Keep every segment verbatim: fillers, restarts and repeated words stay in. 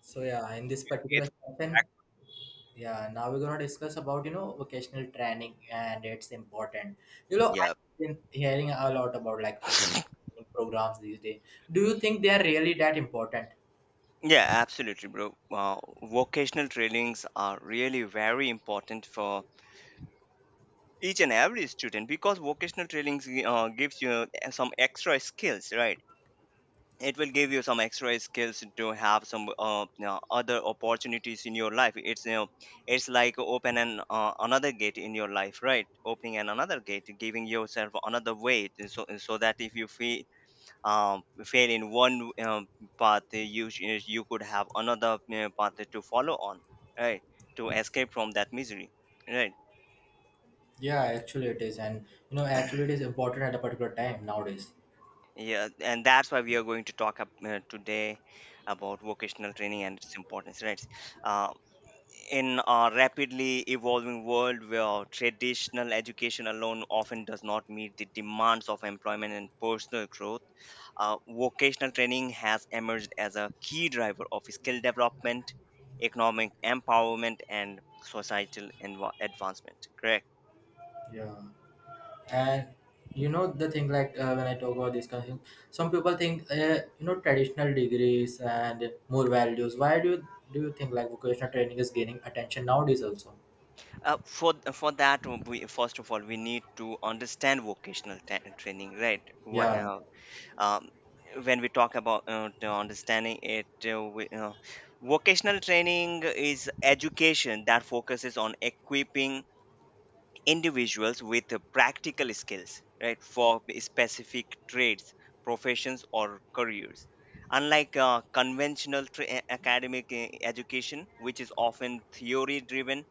So yeah, in this particular It's session, yeah, now we're gonna discuss about you know vocational training and it's important. You know, yeah, I've been hearing a lot about like vocational programs these days. Do you think they are really that important? yeah, absolutely, bro. Uh, vocational trainings are really very important for each and every student because vocational trainings gi- uh, gives you some extra skills, right? It will give you some extra skills to have some uh, you know, other opportunities in your life. It's you know, it's like open an uh, another gate in your life, right? Opening an another gate, giving yourself another way, so so that if you feel um, fail in one um, path, uh, you sh- uh, you could have another uh, path to follow on, right? To escape from that misery, right? Yeah, actually it is, and you know, actually it is important at a particular time nowadays. Yeah, and that's why we are going to talk up, uh, today about vocational training and its importance, right? Uh, in a rapidly evolving world where traditional education alone often does not meet the demands of employment and personal growth, uh, vocational training has emerged as a key driver of skill development, economic empowerment, and societal env- advancement. Correct. Yeah, and you know the thing like uh, when I talk about this kind of thing, some people think uh, you know traditional degrees and more values. Why do you do you think like vocational training is gaining attention nowadays also? Uh, for for that, we first of all we need to understand vocational ta- training, right? Wha- Yeah, uh, um, when we talk about uh, to understanding it uh, we, uh, vocational training is education that focuses on equipping individuals with uh, practical skills, right, for specific trades, professions, or careers. Unlike uh, conventional tra- academic uh, education, which is often theory driven,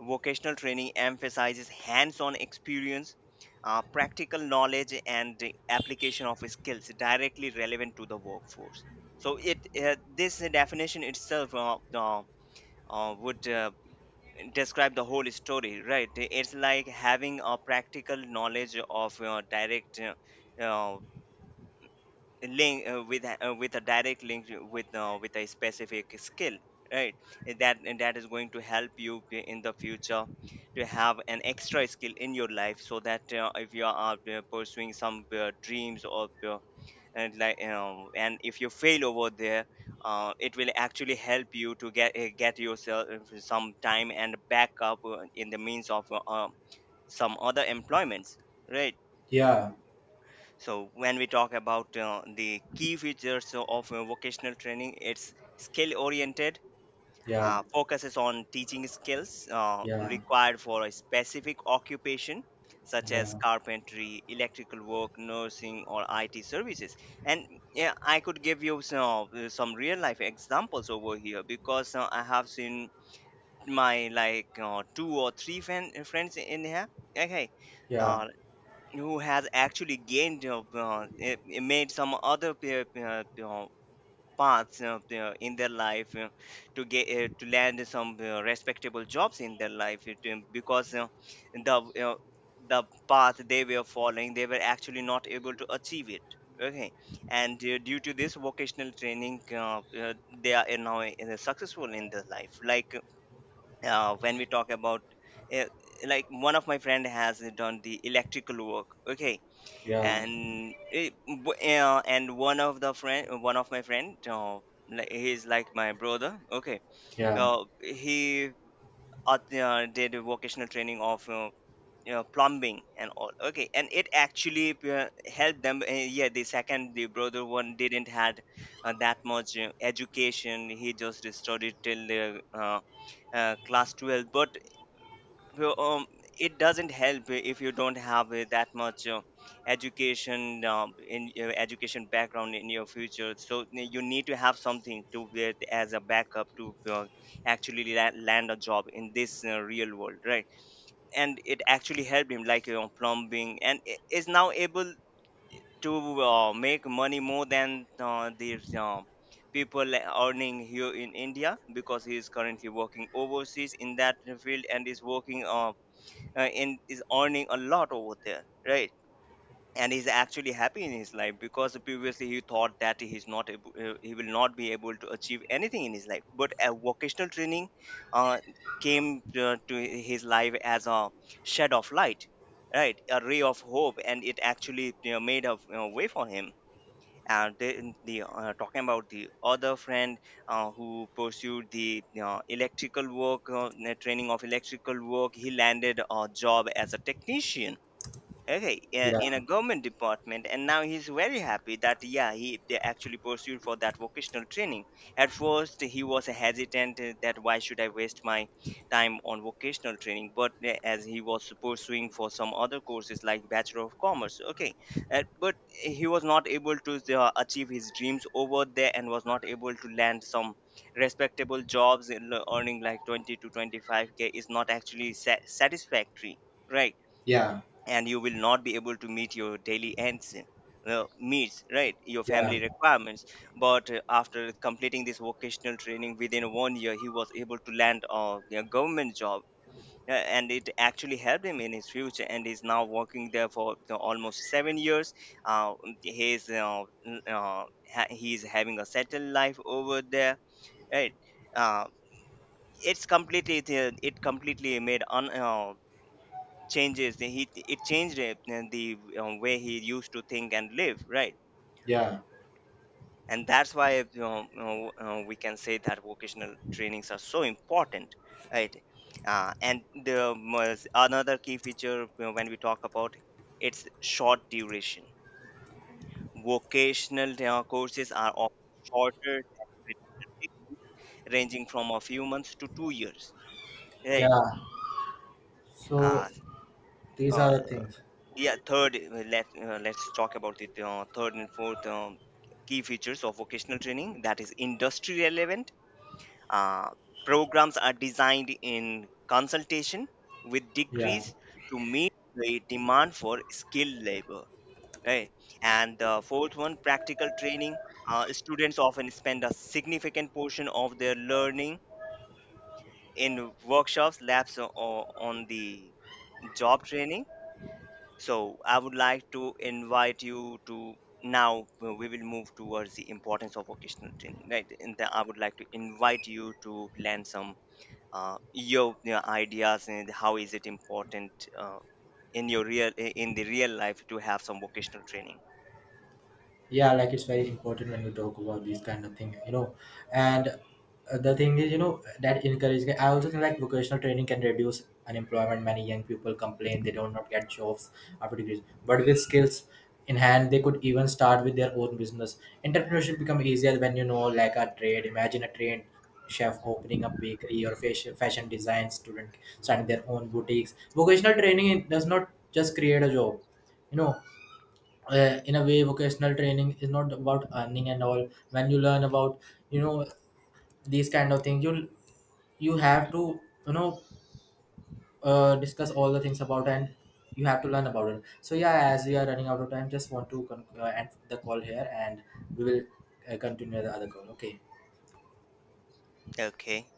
vocational training emphasizes hands on experience, uh, practical knowledge and the application of skills directly relevant to the workforce. So it uh, this definition itself uh, uh, uh, would uh, describe the whole story, right? It's like having a practical knowledge of uh, direct uh, uh, link uh, with a- uh, with a direct link with uh, with a specific skill, right? And that and that is going to help you p- in the future to have an extra skill in your life, so that uh, if you are uh, pursuing some uh, dreams or uh, and like you know, and if you fail over there, uh, it will actually help you to get uh, get yourself eh, some time and back up uh, in the means of uh, um, some other employments, right? yeah, So when we talk about uh, the key features of uh, vocational training, it's skill oriented, yeah, uh, focuses on teaching skills uh, yeah, required for a specific occupation, such as yeah, carpentry, electrical work, nursing, or it services. And yeah, I could give you some, some real life examples over here, because uh, I have seen my like uh, two or three friend, friends in here, okay, yeah, uh, who has actually gained uh, uh, eh, made some other pe- pe- uh, paths, you know, you know, in their life, you know, to get uh, to land some uh, respectable jobs in their life, you know, because you know, the you know, the path they were following, they were actually not able to achieve it, okay. And uh, due to this vocational training, uh, uh, they are uh, now uh, successful in their life. Like uh, when we talk about, uh, like, one of my friend has done the electrical work, okay. yeah, And it, w- uh, and one of the friend uh, one of my friend, uh, like, he's like my brother, okay. yeah, Uh, he uh, uh, did a vocational training of uh, you know, plumbing and all, okay. And it actually uh, helped them. Uh, yeah, the second, the brother one, didn't had uh, that much uh, education. He just studied till uh, uh, uh, class twelve. But well, um, it doesn't help if you don't have uh, that much uh, education, um, in your education background, in your future. So n- you need to have something to get as a backup to uh, actually la- land a job in this uh, real world, right? And it actually helped him, like you know, plumbing, and i- is now able to uh, make money more than uh, the um, people earning here in India, because he is currently working overseas in that field and is working. Uh, uh, and is earning a lot over there, right? And he's actually happy in his life, because previously he thought that he's not able, uh, he will not be able to achieve anything in his life. But a vocational training uh, came uh, to his life as a shed of light, right, a ray of hope, and it actually, you know, made a, you know, way for him. And then the uh, talking about the other friend, uh, who pursued the uh, electrical work, uh, the training of electrical work he landed a job as a technician, okay, yeah, yeah, in a government department, and now he's very happy that yeah, he, they actually pursued for that vocational training. At first he was hesitant uh, that why should I waste my time on vocational training. But uh, as he was pursuing for some other courses, like bachelor of commerce, okay, uh, but he was not able to uh, achieve his dreams over there, and was not able to land some respectable jobs in, earning like twenty to twenty-five k is not actually sa- satisfactory, right? yeah, And you will not be able to meet your daily ends, uh, meets, right, your yeah, family requirements. But uh, after completing this vocational training within one year, he was able to land a, a government job, uh, and it actually helped him in his future, and he's now working there for uh, almost seven years. uh, he's uh, n- uh, ha- he's having a settled life over there, right. uh, it's completely it, it completely made un, uh, changes the- he it changed it, and the um, way he used to think and live, right. yeah, And that's why, you know, you know, uh, we can say that vocational trainings are so important, right. Uh, and the most- another key feature, you know, when we talk about, it's short duration. Vocational uh, courses are often shorter than traditional, ranging from a few months to two years, right. yeah. So uh, these are the uh, things. Yeah, third, uh, let, uh, let's talk about the uh, third and fourth um, key features of vocational training, that is industry relevant. Uh, Programs are designed in consultation with Yeah. degrees to meet the demand for skilled labor. Right? And the fourth one, practical training. Uh, students often spend a significant portion of their learning in workshops, labs, or on the job training. So I would like to invite you to, now uh, we will move towards the importance of vocational training, right? And then I would like to invite you to land some uh, your, your ideas, and how is it important uh, in your real in the real life to have some vocational training. Yeah, like it's very important when you talk about these kind of thing you know, and uh, the thing is you know that encouraging I also think like vocational training can reduce unemployment. Many young people complain they don't not get jobs after degrees, but with skills in hand they could even start with their own business. Entrepreneurship become easier when you know like a trade. Imagine a trained chef opening up bakery or fashion fashion design student starting their own boutiques. Vocational training does not just create a job, you know. Uh, in a way vocational training is not about earning and all. When you learn about, you know, these kind of things, you you have to, you know, uh, discuss all the things about, and you have to learn about it. So yeah, as we are running out of time, just want to con- uh, end the call here, and we will uh, continue the other call. Okay. Okay.